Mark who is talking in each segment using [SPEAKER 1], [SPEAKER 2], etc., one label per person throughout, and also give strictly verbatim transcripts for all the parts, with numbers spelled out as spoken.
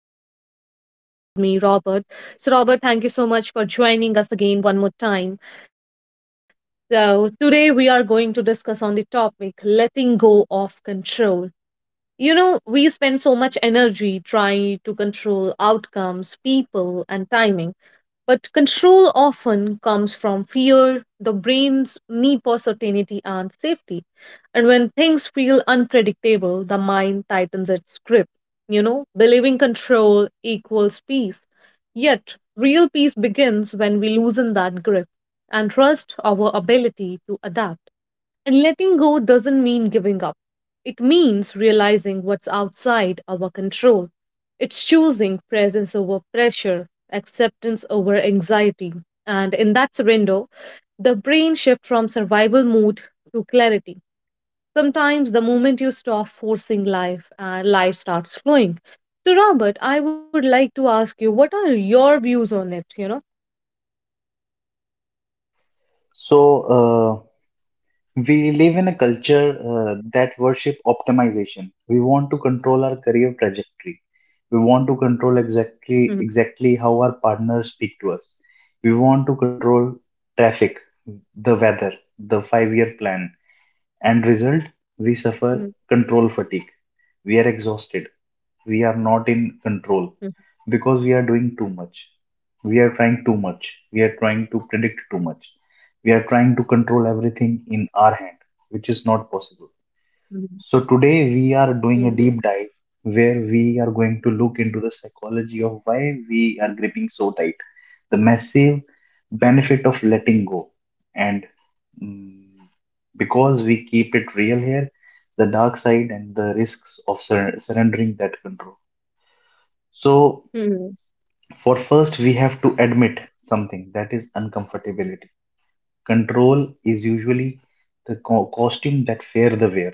[SPEAKER 1] I have my, my friend again with me, Robert. So, Robert, thank you so much for joining us again one more time. So, today we are going to discuss on the topic letting go of control. You know, we spend so much energy trying to control outcomes, people, and timing, but control often comes from fear, the brain's need for certainty and safety. And when things feel unpredictable, the mind tightens its grip, you know, believing control equals peace. Yet, real peace begins when we loosen that grip and trust our ability to adapt. And letting go doesn't mean giving up. It means realizing what's outside our control. It's choosing presence over pressure, acceptance over anxiety. And in that surrender, the brain shifts from survival mode to clarity. Sometimes the moment you stop forcing life, uh, life starts flowing. So, Robert, I would like to ask you, what are your views on it? You know?
[SPEAKER 2] So, uh, we live in a culture uh, that worship optimization. We want to control our career trajectory. We want to control
[SPEAKER 1] Mhm.
[SPEAKER 2] exactly exactly how our partners speak to us. We want to control traffic, the weather, the five-year plan. And result, we
[SPEAKER 1] Mhm.
[SPEAKER 2] suffer control fatigue. We are exhausted. We are not in control
[SPEAKER 1] Mhm.
[SPEAKER 2] because we are doing too much. We are trying too much. We are trying to predict too much. We are trying to control everything in our hand, which is not possible. So, today we are doing a
[SPEAKER 1] Mhm.
[SPEAKER 2] deep dive where we are going to look into the psychology of why we are gripping so tight, the massive benefit of letting go, and mm, because we keep it real here, the dark side and the risks of sur- surrendering that control. So,
[SPEAKER 1] Mhm.
[SPEAKER 2] for first, we have to admit something that is uncomfortability. Control is usually the co- costume that fear the wear.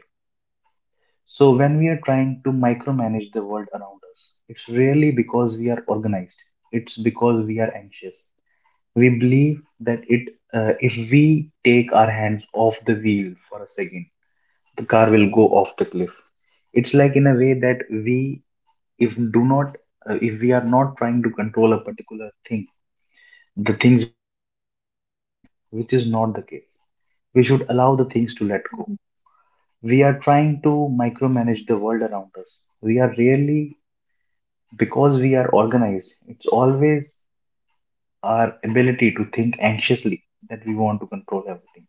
[SPEAKER 2] So, when we are trying to micromanage the world around us, it's really because we are organized. It's because we are anxious. We believe that it, uh, if we take our hands off the wheel for a second, the car will go off the cliff. It's like in a way that we, if do not, uh, if we are not trying to control a particular thing, the things will go off our hand, which is not the case. We should allow the things to let go.
[SPEAKER 1] Mhm.
[SPEAKER 2] We are trying to micromanage the world around us. We are really, because we are organized, it's always our ability to think anxiously that we want to control everything.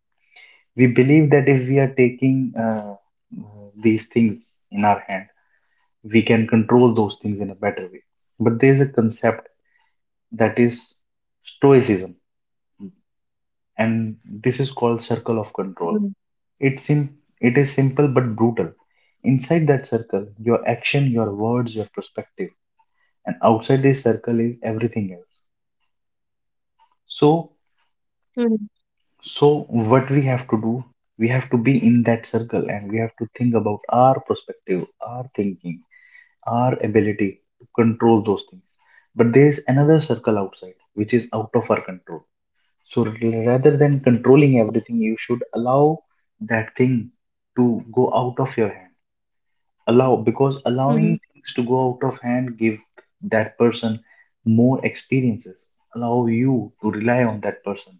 [SPEAKER 2] We believe that if we are taking uh, uh, these things in our hand, we can control those things in a better way. But there is a concept that is stoicism, and this is called circle of
[SPEAKER 1] Mhm.
[SPEAKER 2] control. It's sim- it is simple but brutal. Inside that circle, your action, your words, your perspective, and outside this circle is everything else. So,
[SPEAKER 1] Mhm.
[SPEAKER 2] so what we have to do, we have to be in that circle and we have to think about our perspective, our thinking, our ability to control those things. But there's another circle outside which is out of our control. So rather than controlling everything, you should allow that thing to go out of your hand, allow, because
[SPEAKER 1] Mhm.
[SPEAKER 2] allowing things to go out of hand give that person more experiences, allow you to rely on that person,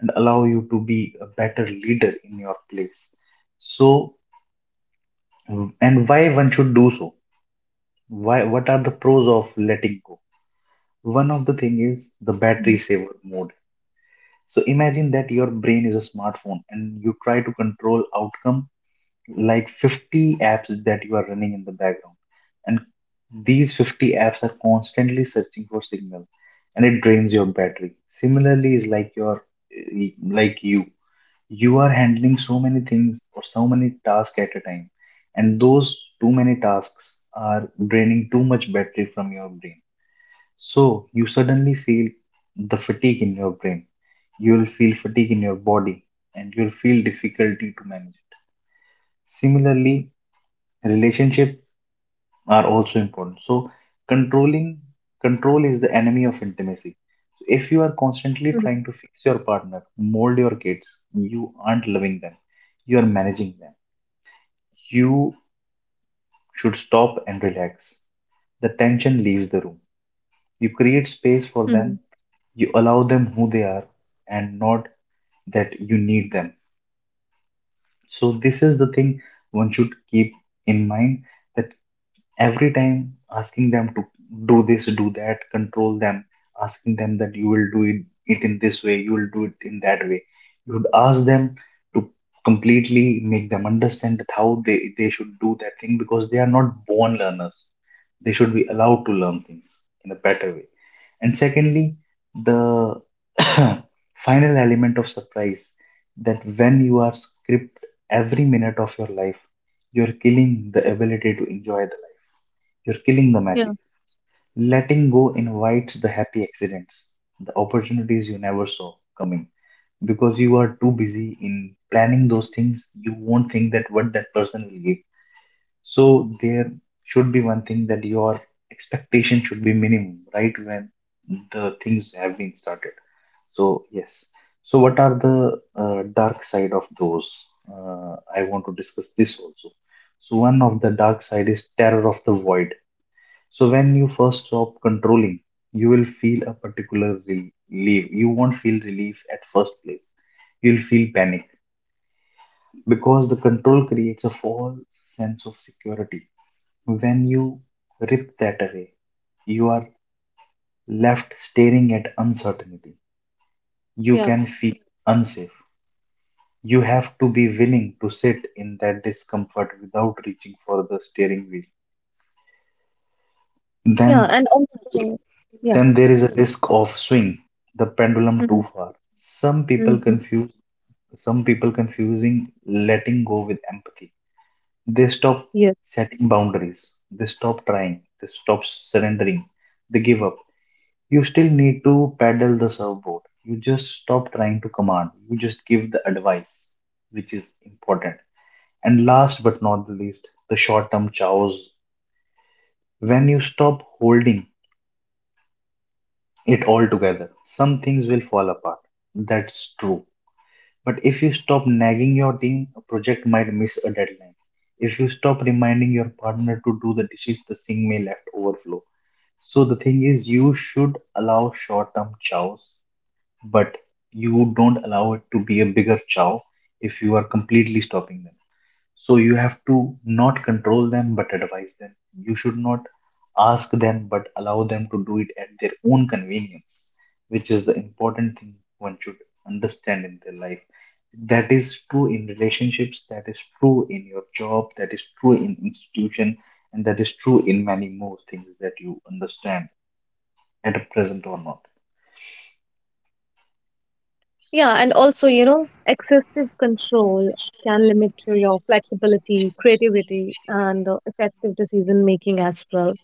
[SPEAKER 2] and allow you to be a better leader in your place. So, and why one should do so, why, what are the pros of letting go? One of the thing is the
[SPEAKER 1] Mhm.
[SPEAKER 2] battery saver mode. So imagine that your brain is a smartphone and you try to control outcome like fifty apps that you are running in the background, and these fifty apps are constantly searching for signal, and it drains your battery. Similarly, is like your, like you you are handling so many things or so many tasks at a time, and those too many tasks are draining too much battery from your brain. So you suddenly feel the fatigue in your brain, you will feel fatigue in your body, and you will feel difficulty to manage. Similarly, relationship are also important. So controlling, control is the enemy of intimacy. So if you are constantly
[SPEAKER 1] Mhm.
[SPEAKER 2] trying to fix your partner, mold your kids, you aren't loving them, you are managing them. You should stop and relax. The tension leaves the room. You create space for
[SPEAKER 1] Mhm.
[SPEAKER 2] them. You allow them who they are, and not that you need them. So this is the thing one should keep in mind, that every time asking them to do this, do that, control them, asking them that you will do it, it, in this way, you will do it in that way. You would ask them to completely make them understand that how they, they should do that thing, because they are not born learners. They should be allowed to learn things in a better way. And secondly, the final element of surprise, that when you are script every minute of your life, you're killing the ability to enjoy the you're killing the
[SPEAKER 1] Yeah,
[SPEAKER 2] magic. Letting go invites the happy accidents, the opportunities you never saw coming, because you are too busy in planning those things. You won't think that what that person will give. So there should be one thing that your expectation should be minimum, right, when the things have been started. So yes. So what are the uh, dark side of those? Uh, I want to discuss this also. So one of the dark side is terror of the void. So when you first stop controlling, you will feel a particular relief. You won't feel relief at first place. You'll feel panic because the control creates a false sense of security. When you rip that away, you are left staring at uncertainty. You
[SPEAKER 1] yeah,
[SPEAKER 2] can feel unsafe. You have to be willing to sit in that discomfort without reaching for the steering wheel.
[SPEAKER 1] yeah,
[SPEAKER 2] Then
[SPEAKER 1] and also, yeah.
[SPEAKER 2] then there is a risk of swing the pendulum
[SPEAKER 1] Mhm.
[SPEAKER 2] too far. Some people
[SPEAKER 1] Mhm.
[SPEAKER 2] confuse some people confusing letting go with empathy, they stop
[SPEAKER 1] Yes.
[SPEAKER 2] setting boundaries, they stop trying, they stop surrendering, they give up. You still need to paddle the surfboard, you just stop trying to command, you just give the advice, which is important. And last but not the least, the short term chows. When you stop holding it all together, some things will fall apart. That's true. But if you stop nagging your team, a project might miss a deadline. If you stop reminding your partner to do the dishes, the sink may left overflow. So the thing is, you should allow short-term chows, but you don't allow it to be a bigger chow if you are completely stopping them. So you have to not control them but advise them. You should not ask them but allow them to do it at their own convenience, which is the important thing one should understand in their life. That is true in relationships, that is true in your job, that is true in institution, and that is true in many more things that you understand at a present or not.
[SPEAKER 1] Yeah, and also, you know, excessive control can limit to your flexibility, creativity, and uh, effective decision making as well.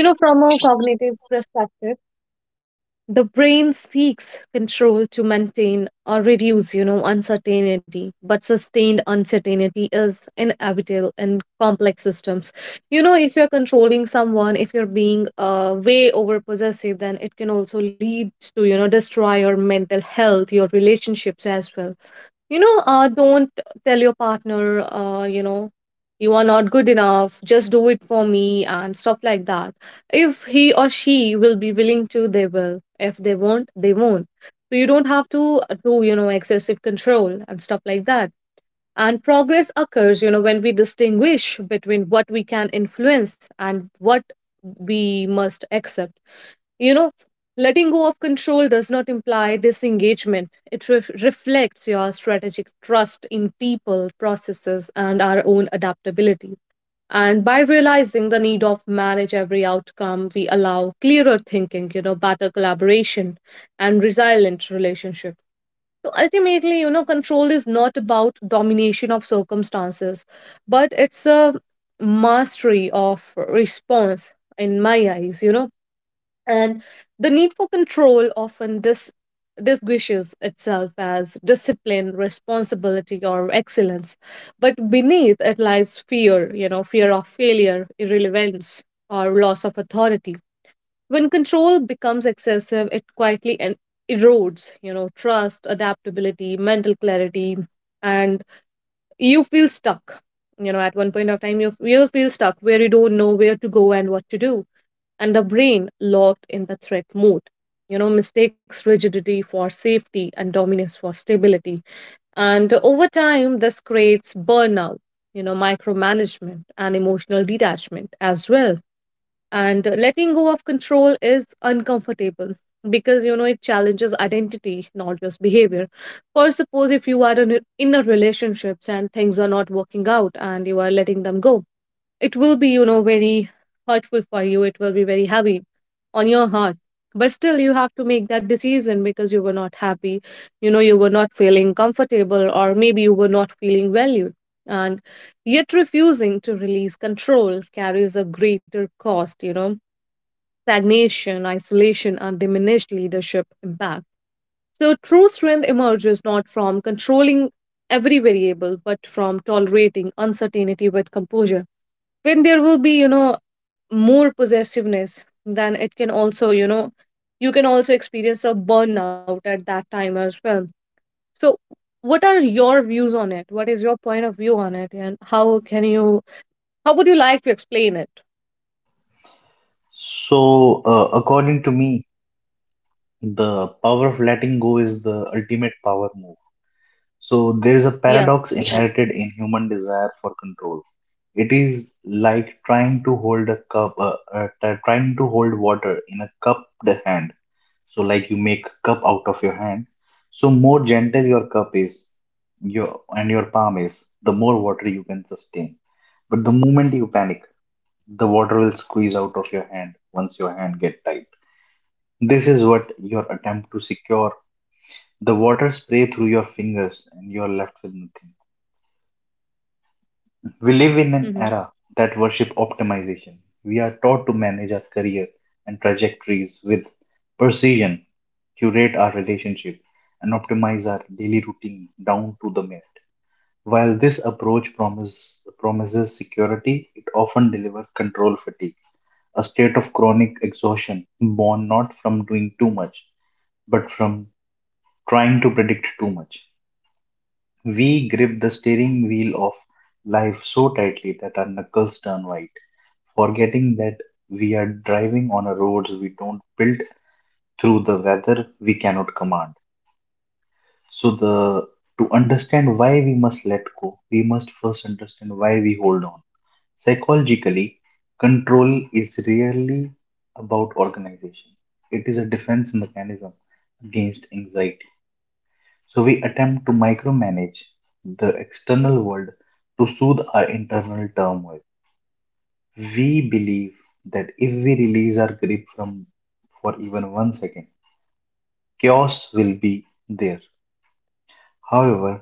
[SPEAKER 1] You know, from a cognitive perspective, the brain seeks control to maintain or reduce, you know, uncertainty, but sustained uncertainty is inevitable in complex systems. You know, if you're controlling someone, if you're being uh, way over possessive, then it can also lead to, you know, destroy your mental health, your relationships as well. You know uh, don't tell your partner uh, you know you are not good enough, just do it for me and stuff like that. If he or she will be willing to, they will. If they won't, they won't. So you don't have to uh, do, you know excessive control and stuff like that. And progress occurs, you know when we distinguish between what we can influence and what we must accept. You know, letting go of control does not imply disengagement, it ref- reflects your strategic trust in people, processes, and our own adaptability. And by realizing the need of manage every outcome, we allow clearer thinking, you know, better collaboration, and resilient relationship. So ultimately, you know, control is not about domination of circumstances, but it's a mastery of response in my eyes, you know and the need for control often dis- disguises itself as discipline, responsibility, or excellence. But beneath it lies fear, you know, fear of failure, irrelevance, or loss of authority. When control becomes excessive, it quietly en- erodes, you know, trust, adaptability, mental clarity, and you feel stuck. You know, at one point of time, you, you feel stuck where you don't know where to go and what to do, and the brain locked in the threat mode. You know, mistakes rigidity for safety and dominance for stability. And over time, this creates burnout, you know, micromanagement, and emotional detachment as well. And letting go of control is uncomfortable because, you know, it challenges identity, not just behavior. Or suppose if you are in a in a relationships and things are not working out and you are letting them go, it will be, you know, very hurtful for you. It will be very heavy on your heart, but still you have to make that decision because you were not happy. You know you were not feeling comfortable, or maybe you were not feeling valued. And yet refusing to release control carries a greater cost, you know stagnation, isolation, and diminished leadership impact. So true strength emerges not from controlling every variable but from tolerating uncertainty with composure. When there will be, you know more possessiveness, then it can also, you know you can also experience a burnout at that time as well. So what are your views on it? What is your point of view on it? And how can you how would you like to explain it?
[SPEAKER 2] So uh, according to me, the power of letting go is the ultimate power move. So there is a
[SPEAKER 1] Yeah.
[SPEAKER 2] paradox inherited in human desire for control. It is like trying to hold a cup, uh, uh, t- trying to hold water in a cupped hand. So like you make cup out of your hand. So more gentle your cup is, your and your palm is, the more water you can sustain. But the moment you panic, the water will squeeze out of your hand once your hand get tight. This is what your attempt to secure the water spray through your fingers and you are left with nothing. We live in an
[SPEAKER 1] Mm-hmm.
[SPEAKER 2] era that worship optimization. We are taught to manage our career and trajectories with precision, curate our relationship, and optimize our daily routine down to the minute. While this approach promise, promises security, it often delivers control fatigue, a state of chronic exhaustion born not from doing too much, but from trying to predict too much. We grip the steering wheel of life so tightly that our knuckles turn white, forgetting that we are driving on a roads we don't build through the weather we cannot command. So the, to understand why we must let go, we must first understand why we hold on. Psychologically, control is rarely about organization. It is a defense mechanism against anxiety. So we attempt to micromanage the external world to soothe our internal turmoil. We believe that if we release our grip from for even one second, chaos will be there. However,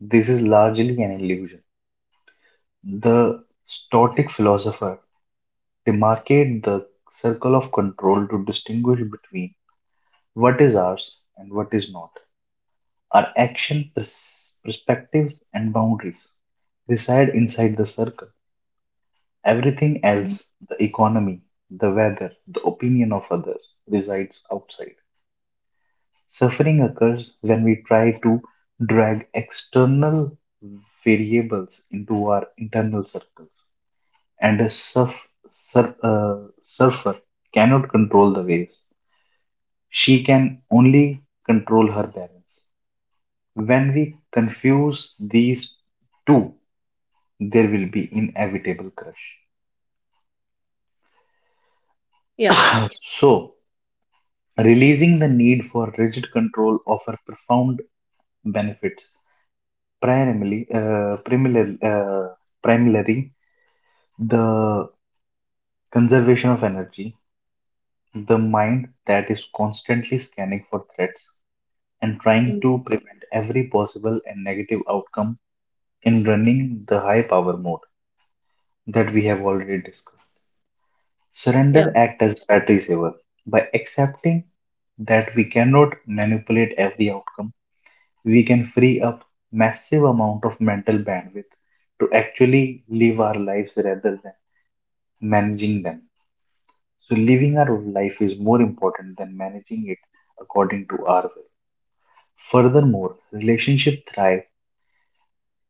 [SPEAKER 2] this is largely an illusion. The Stoic philosopher demarcated the circle of control to distinguish between what is ours and what is not. Our action, pers- perspectives, and boundaries reside inside the circle. Everything else,
[SPEAKER 1] Hmm.
[SPEAKER 2] the economy, the weather, the opinion of others, resides outside. Suffering occurs when we try to drag external variables into our internal circles. And a surf, sur, uh, surfer cannot control the waves, she can only control her balance. When we confuse these two, there will be inevitable crush.
[SPEAKER 1] Yeah.
[SPEAKER 2] So, releasing the need for rigid control offer profound benefits. Primarily, uh, primarily, uh, primarily, the conservation of energy, the mind that is constantly scanning for threats and trying to prevent
[SPEAKER 1] Mm.
[SPEAKER 2] every possible and negative outcome in running the high power mode that we have already discussed. Surrender act
[SPEAKER 1] Yeah.
[SPEAKER 2] as battery saver by accepting that we cannot manipulate every outcome. We can free up massive amount of mental bandwidth to actually live our lives rather than managing them. So living our life is more important than managing it according to our will. Furthermore, relationships thrive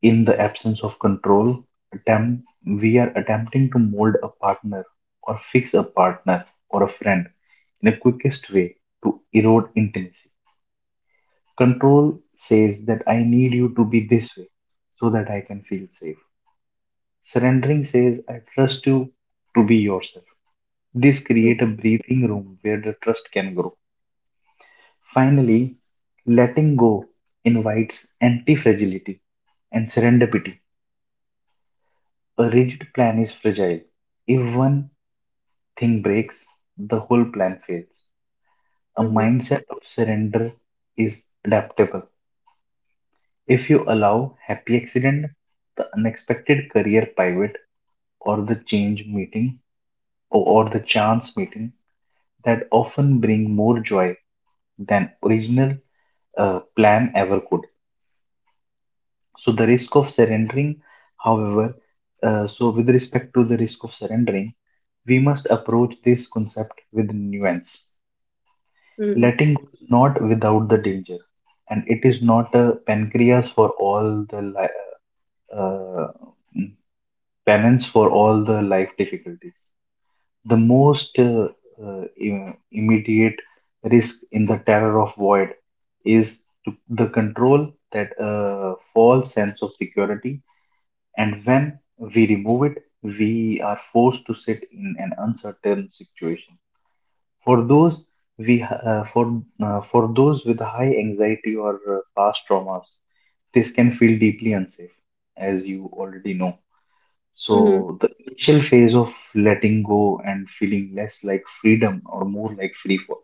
[SPEAKER 2] in the absence of control. Attempt, we are attempting to mold a partner or fix a partner or a friend in the quickest way to erode intimacy. Control says that I need you to be this way so that I can feel safe. Surrendering says, I trust you to be yourself. This creates a
[SPEAKER 1] Mm-hmm.
[SPEAKER 2] breathing room where the trust can grow. Finally, letting go invites anti fragility and serendipity. A rigid plan is fragile. If one thing breaks, the whole plan fails. A mindset of
[SPEAKER 1] Mm-hmm.
[SPEAKER 2] surrender is adaptable. If you allow happy accident, the unexpected career pivot, or the change meeting, or or the chance meeting, that often bring more joy than original uh, plan ever could. So the risk of surrendering, however, uh, so with respect to the risk of surrendering, we must approach this concept with nuance. Letting go
[SPEAKER 1] Mm-hmm.
[SPEAKER 2] is not without the danger, and it is not a pancreas for all the li- uh, mm, penance for all the life difficulties. The most uh, uh, im- immediate risk in the terror of void is to the control that uh, false sense of security, and when we remove it, we are forced to sit in an uncertain situation. For those we uh, for uh, for those with high anxiety or uh, past traumas, this can feel deeply unsafe, as you already know. So the
[SPEAKER 1] Mm-hmm.
[SPEAKER 2] initial phase of letting go and feeling less like freedom or more like free fall.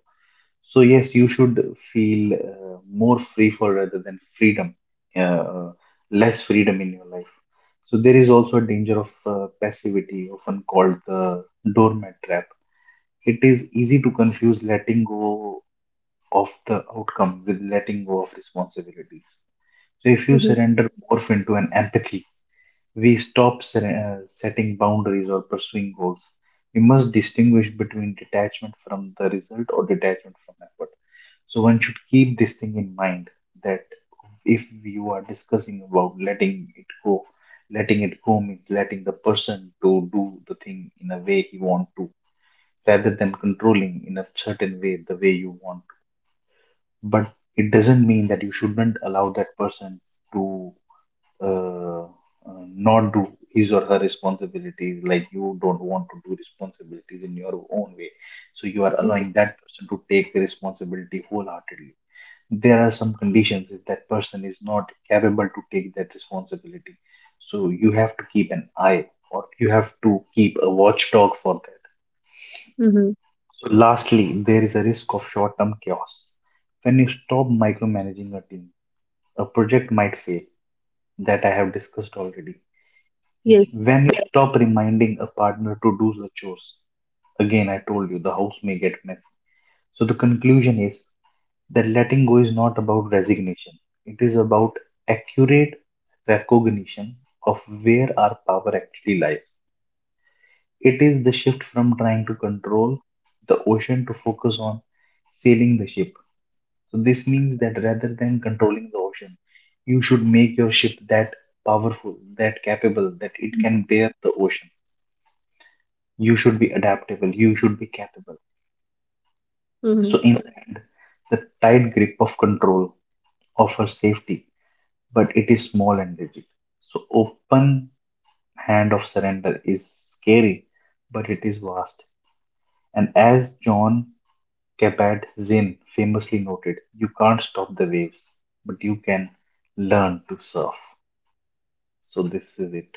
[SPEAKER 2] So yes, you should feel uh, more free fall rather than freedom, uh, less freedom in your life. So there is also a danger of uh, passivity, often called the doormat trap. It is easy to confuse letting go of the outcome with letting go of responsibilities. So if you surrender
[SPEAKER 1] Mm-hmm.
[SPEAKER 2] morph into an empathy, we stop ser- uh, setting boundaries or pursuing goals. We must distinguish between detachment from the result or detachment from effort. So one should keep this thing in mind that if you are discussing about letting it go, letting it go means letting the person to do the thing in a way he want to, rather than controlling in a certain way the way you want. But it doesn't mean that you shouldn't allow that person to uh, uh, not do his or her responsibilities like you don't want to do responsibilities in your own way, so you are allowing that
[SPEAKER 1] Mm-hmm.
[SPEAKER 2] person to take the responsibility wholeheartedly. There are some conditions: if that person is not capable to take that responsibility, so you have to keep an eye or you have to keep a watchdog for that.
[SPEAKER 1] Mm-hmm.
[SPEAKER 2] So lastly, there is a risk of short-term chaos. When you stop micromanaging a team, a project might fail. That I have discussed already. When
[SPEAKER 1] Yes.
[SPEAKER 2] you stop reminding a partner to do the chores, again, I told you the house may get messy. So the conclusion is that letting go is not about resignation. It is about accurate recognition of where our power actually lies. It is the shift from trying to control the ocean to focus on sailing the ship. So this means that rather than controlling the ocean, you should make your ship that powerful, that capable, that it can
[SPEAKER 1] Mm-hmm.
[SPEAKER 2] bear the ocean. You should be adaptable. You should be capable.
[SPEAKER 1] Mm-hmm.
[SPEAKER 2] So, in the end, the tight grip of control offers safety, but it is small and rigid. So, open hand of surrender is scary, but it is vast. And as John Kabat Zinn famously noted, you can't stop the waves, but you can learn to surf. So, this is it.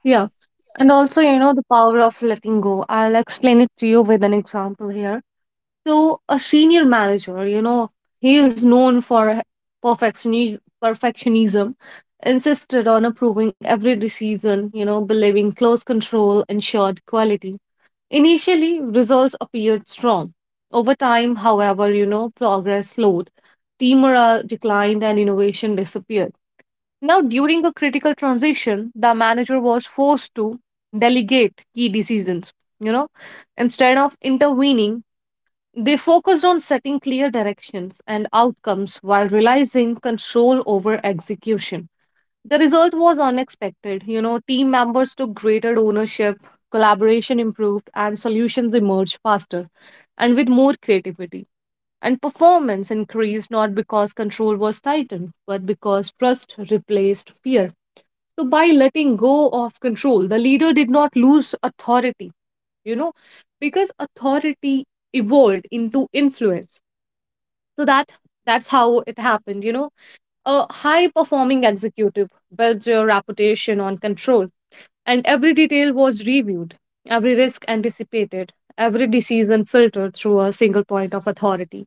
[SPEAKER 1] Yeah, and also, you know the power of letting go, I'll explain it to you with an example here. So a senior manager, you know, he is known for perfectionis- perfectionism, insisted on approving every decision, you know, believing close control ensured quality. Initially, results appeared strong. Over time, however, you know, progress slowed, team morale declined, and innovation disappeared. Now, during a critical transition, the manager was forced to delegate key decisions, you know, instead of intervening, they focused on setting clear directions and outcomes while realizing control over execution. The result was unexpected. You know, team members took greater ownership, collaboration improved, and solutions emerged faster and with more creativity. And performance increased not because control was tightened, but because trust replaced fear. So, by letting go of control, the leader did not lose authority, you know, because authority evolved into influence. So that that's how it happened. You know, a high performing executive built your reputation on control, and every detail was reviewed, every risk anticipated, every decision filtered through a single point of authority.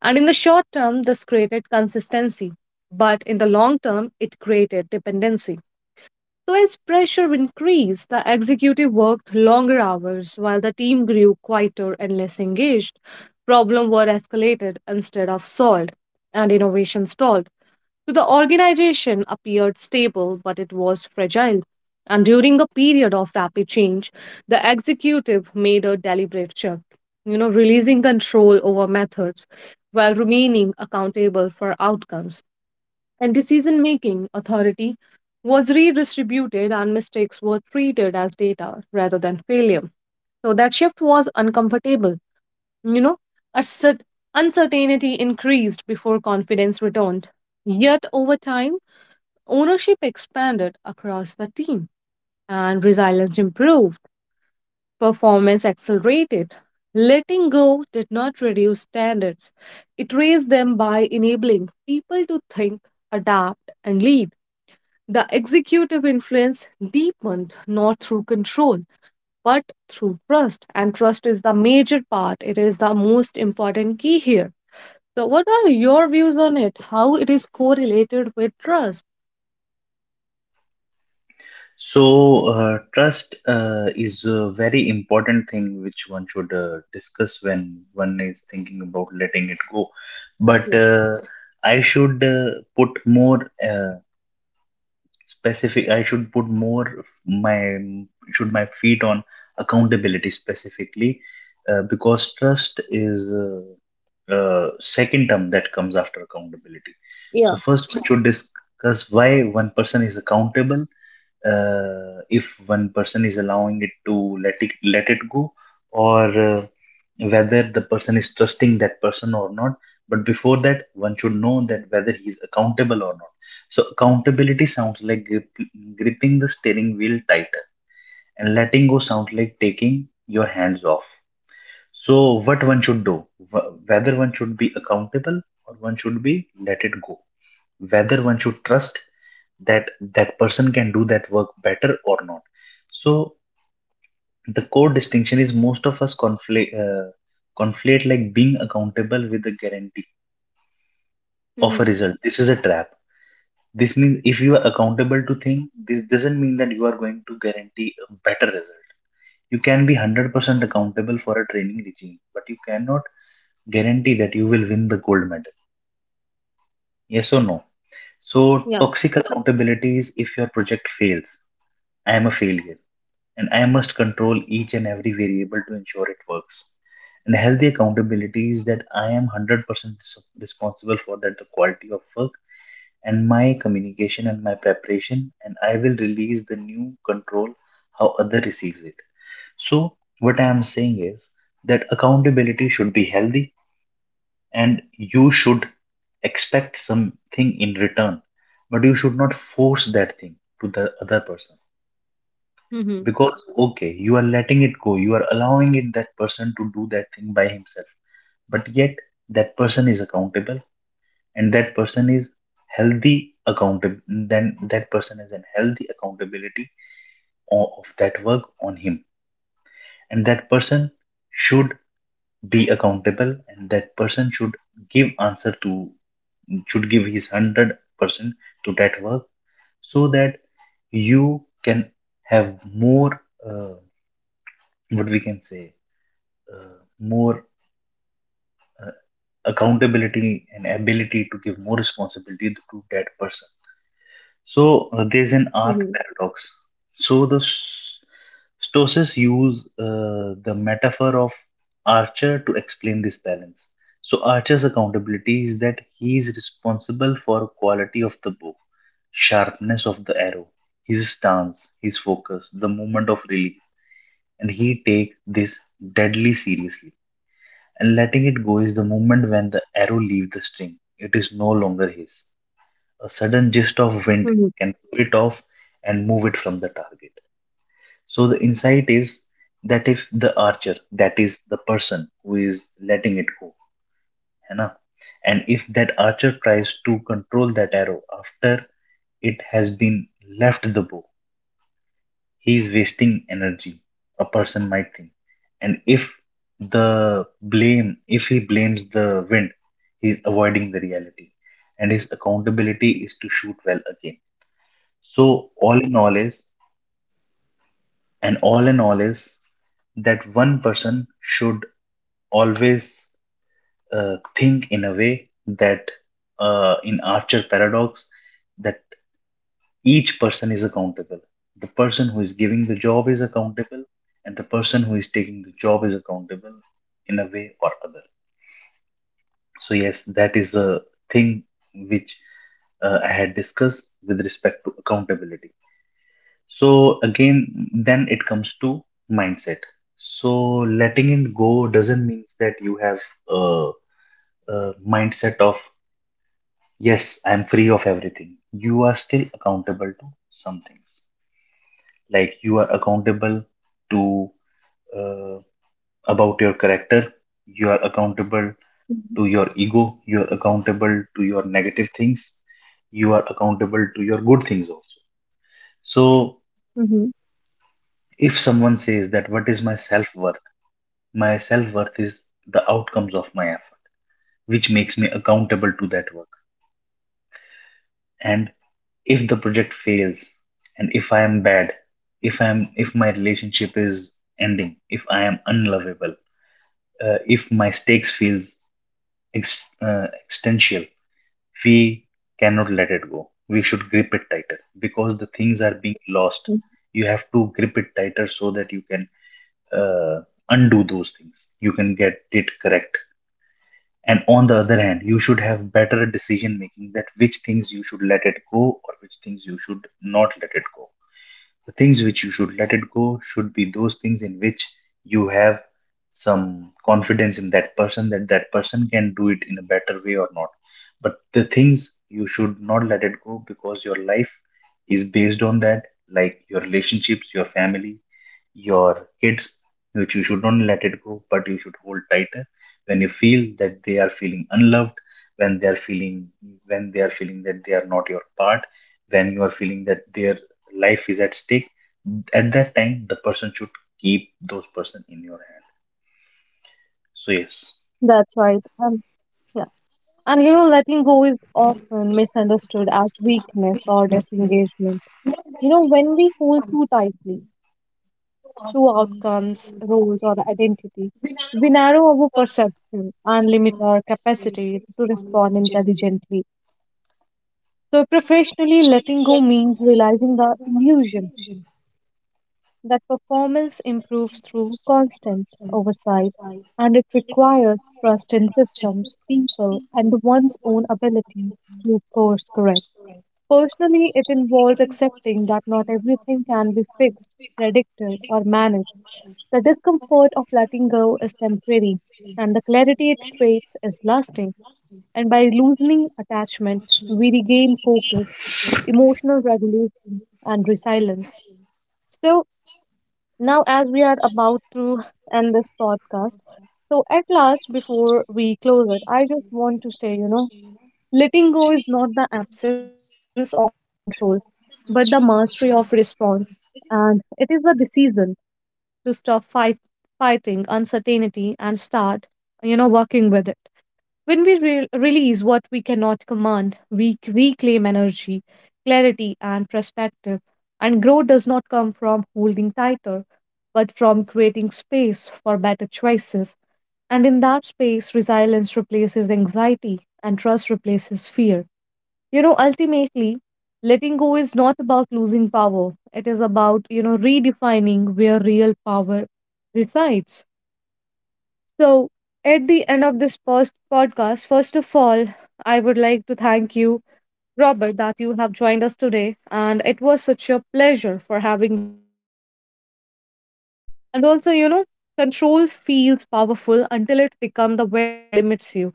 [SPEAKER 1] And in the short term, this created consistency, but in the long term, it created dependency. So, as pressure increased, the executive worked longer hours while the team grew quieter and less engaged. Problems were escalated instead of solved, and innovation stalled. So, the organization appeared stable, but it was fragile. And during a period of rapid change, the executive made a deliberate shift, you know, releasing control over methods while remaining accountable for outcomes, and decision making authority was redistributed and mistakes were treated as data rather than failure. So that shift was uncomfortable. You know, a cer- uncertainty increased before confidence returned. Yet over time, ownership expanded across the team and resilience improved, performance accelerated. Letting go did not reduce standards, it raised them by enabling people to think, adapt, and lead. The executive influence deepened not through control but through trust, and trust is the major part. It is the most important key here. So, what are your views on it? How it is correlated with trust?
[SPEAKER 2] So, uh, trust uh, is a very important thing which one should uh, discuss when one is thinking about letting it go. But
[SPEAKER 1] Yeah.
[SPEAKER 2] uh, I should uh, put more uh, specific, I should put more of my should my feet on accountability specifically, uh, because trust is uh, uh, second term that comes after accountability. So
[SPEAKER 1] Yeah.
[SPEAKER 2] first, we should discuss why one person is accountable, uh, if one person is allowing it to let it let it go, or uh, whether the person is trusting that person or not, but before that one should know that whether he is accountable or not. So accountability sounds like grip, gripping the steering wheel tighter, and letting go sounds like taking your hands off. So what one should do? Wh- whether one should be accountable or one should be let it go, whether one should trust that that person can do that work better or not. So the core distinction is most of us conflate uh, conflate like being accountable with the guarantee of a
[SPEAKER 1] Mm-hmm.
[SPEAKER 2] result. This is a trap. This means if you are accountable to things, this doesn't mean that you are going to guarantee a better result. You can be one hundred percent accountable for a training regime, but you cannot guarantee that you will win the gold medal. Yes or no? So
[SPEAKER 1] Yeah.
[SPEAKER 2] toxic accountability is, if your project fails, I am a failure, and I must control each and every variable to ensure it works. And healthy accountability is that I am one hundred percent res- responsible for that the quality of work and my communication and my preparation, and I will release the new control how other receives it. So what I am saying is that accountability should be healthy, and you should expect something in return, but you should not force that thing to the other person.
[SPEAKER 1] Mm-hmm.
[SPEAKER 2] Because okay, you are letting it go, you are allowing it that person to do that thing by himself, but yet that person is accountable, and that person is healthy accountable, then that person is an healthy accountability o- of that work on him, and that person should be accountable and that person should give answer to, should give his one hundred percent to that work, so that you can have more uh, what we can say uh, more accountability and ability to give more responsibility to that person. So uh,
[SPEAKER 1] Mm-hmm.
[SPEAKER 2] there's an arc paradox. So the s- Stoics use uh, the metaphor of Archer to explain this balance. So Archer's accountability is that he is responsible for quality of the bow, sharpness of the arrow, his stance, his focus, the moment of release, and he take this deadly seriously. And letting it go is the moment when the arrow leaves the string. It is no longer his. A sudden gust of
[SPEAKER 1] Mm-hmm.
[SPEAKER 2] wind can pull it off and move it from the target. So the insight is that if the archer, that is the person who is letting it go, है ना? And if that archer tries to control that arrow after it has been left the bow, he's wasting energy, a person might think. And if the blame, if he blames the wind, he's avoiding the reality, and his accountability is to shoot well again. So all in all is and all in all is that one person should always uh, think in a way that uh, in archer paradox that each person is accountable. The person who is giving the job is accountable, and the person who is taking the job is accountable in a way or other. So, yes, that is the thing which uh, I had discussed with respect to accountability. So, again, then it comes to mindset. So, letting it go doesn't mean that you have a, a mindset of, yes, I'm free of everything. You are still accountable to some things. Like you are accountable to uh, about your character, you are accountable to your ego, you are accountable to your negative things, you are accountable to your good things also. So
[SPEAKER 1] Mm-hmm.
[SPEAKER 2] if someone says, that what is my self worth? My self worth is the outcomes of my effort, which makes me accountable to that work. And if the project fails, and if I am bad, if I am if my relationship is ending, if I am unlovable, uh, if my stakes feels ex- uh, existential. We cannot let it go. We should grip it tighter because the things are being
[SPEAKER 1] Mm-hmm.
[SPEAKER 2] lost. You have to grip it tighter so that you can uh, undo those things. You can get it correct. And on the other hand, you should have better decision making, that which things you should let it go or which things you should not let it go. The things which you should let it go should be those things in which you have some confidence in that person, that that person can do it in a better way or not. But the things you should not let it go because your life is based on that, like your relationships, your family, your kids, which you should not let it go, but you should hold tighter. When you feel that they are feeling unloved, when they are feeling, when they are feeling that they are not your part, when you are feeling that their life is at stake, at that time the person should keep those person in your hand. So yes,
[SPEAKER 1] That's right. And yeah. And, you know, letting go is often misunderstood as weakness or disengagement. You know, when we hold too tightly to outcomes, roles, or identity. We narrow our perception and limit our capacity to respond intelligently. So, professionally, letting go means realizing the illusion that performance improves through constant oversight, and it requires trust in systems, people, and one's own ability to course correct. Personally, it involves accepting that not everything can be fixed, predicted, or managed. The discomfort of letting go is temporary, and the clarity it creates is lasting. And by loosening attachment, we regain focus, emotional regulation, and resilience. So, now as we are about to end this podcast, so at last, before we close it, I just want to say, you know, Letting go is not the absence of control, but the mastery of response. And it is the decision to stop fight, fighting uncertainty and start, you know, working with it. When we re- release what we cannot command, we c- reclaim energy, clarity, and perspective. And growth does not come from holding tighter, but from creating space for better choices. And in that space, resilience replaces anxiety and trust replaces fear. You know, ultimately, letting go is not about losing power. It is about, you know, redefining where real power resides. So, at the end of this first podcast, first of all, I would like to thank you, Robert, that you have joined us today. And it was such a pleasure for having you here today. And also, you know, control feels powerful until it becomes the very thing that limits you.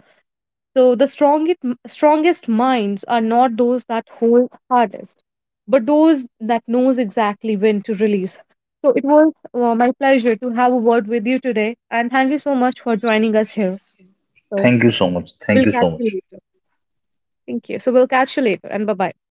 [SPEAKER 1] So the strongest strongest minds are not those that hold hardest, but those that knows exactly when to release. So it was uh, my pleasure to have a word with you today, and thank you so much for joining us here. So
[SPEAKER 2] thank you so much. Thank you
[SPEAKER 1] we'll
[SPEAKER 2] so
[SPEAKER 1] catch
[SPEAKER 2] much.
[SPEAKER 1] you later. Thank you. So we'll catch you later, and bye bye.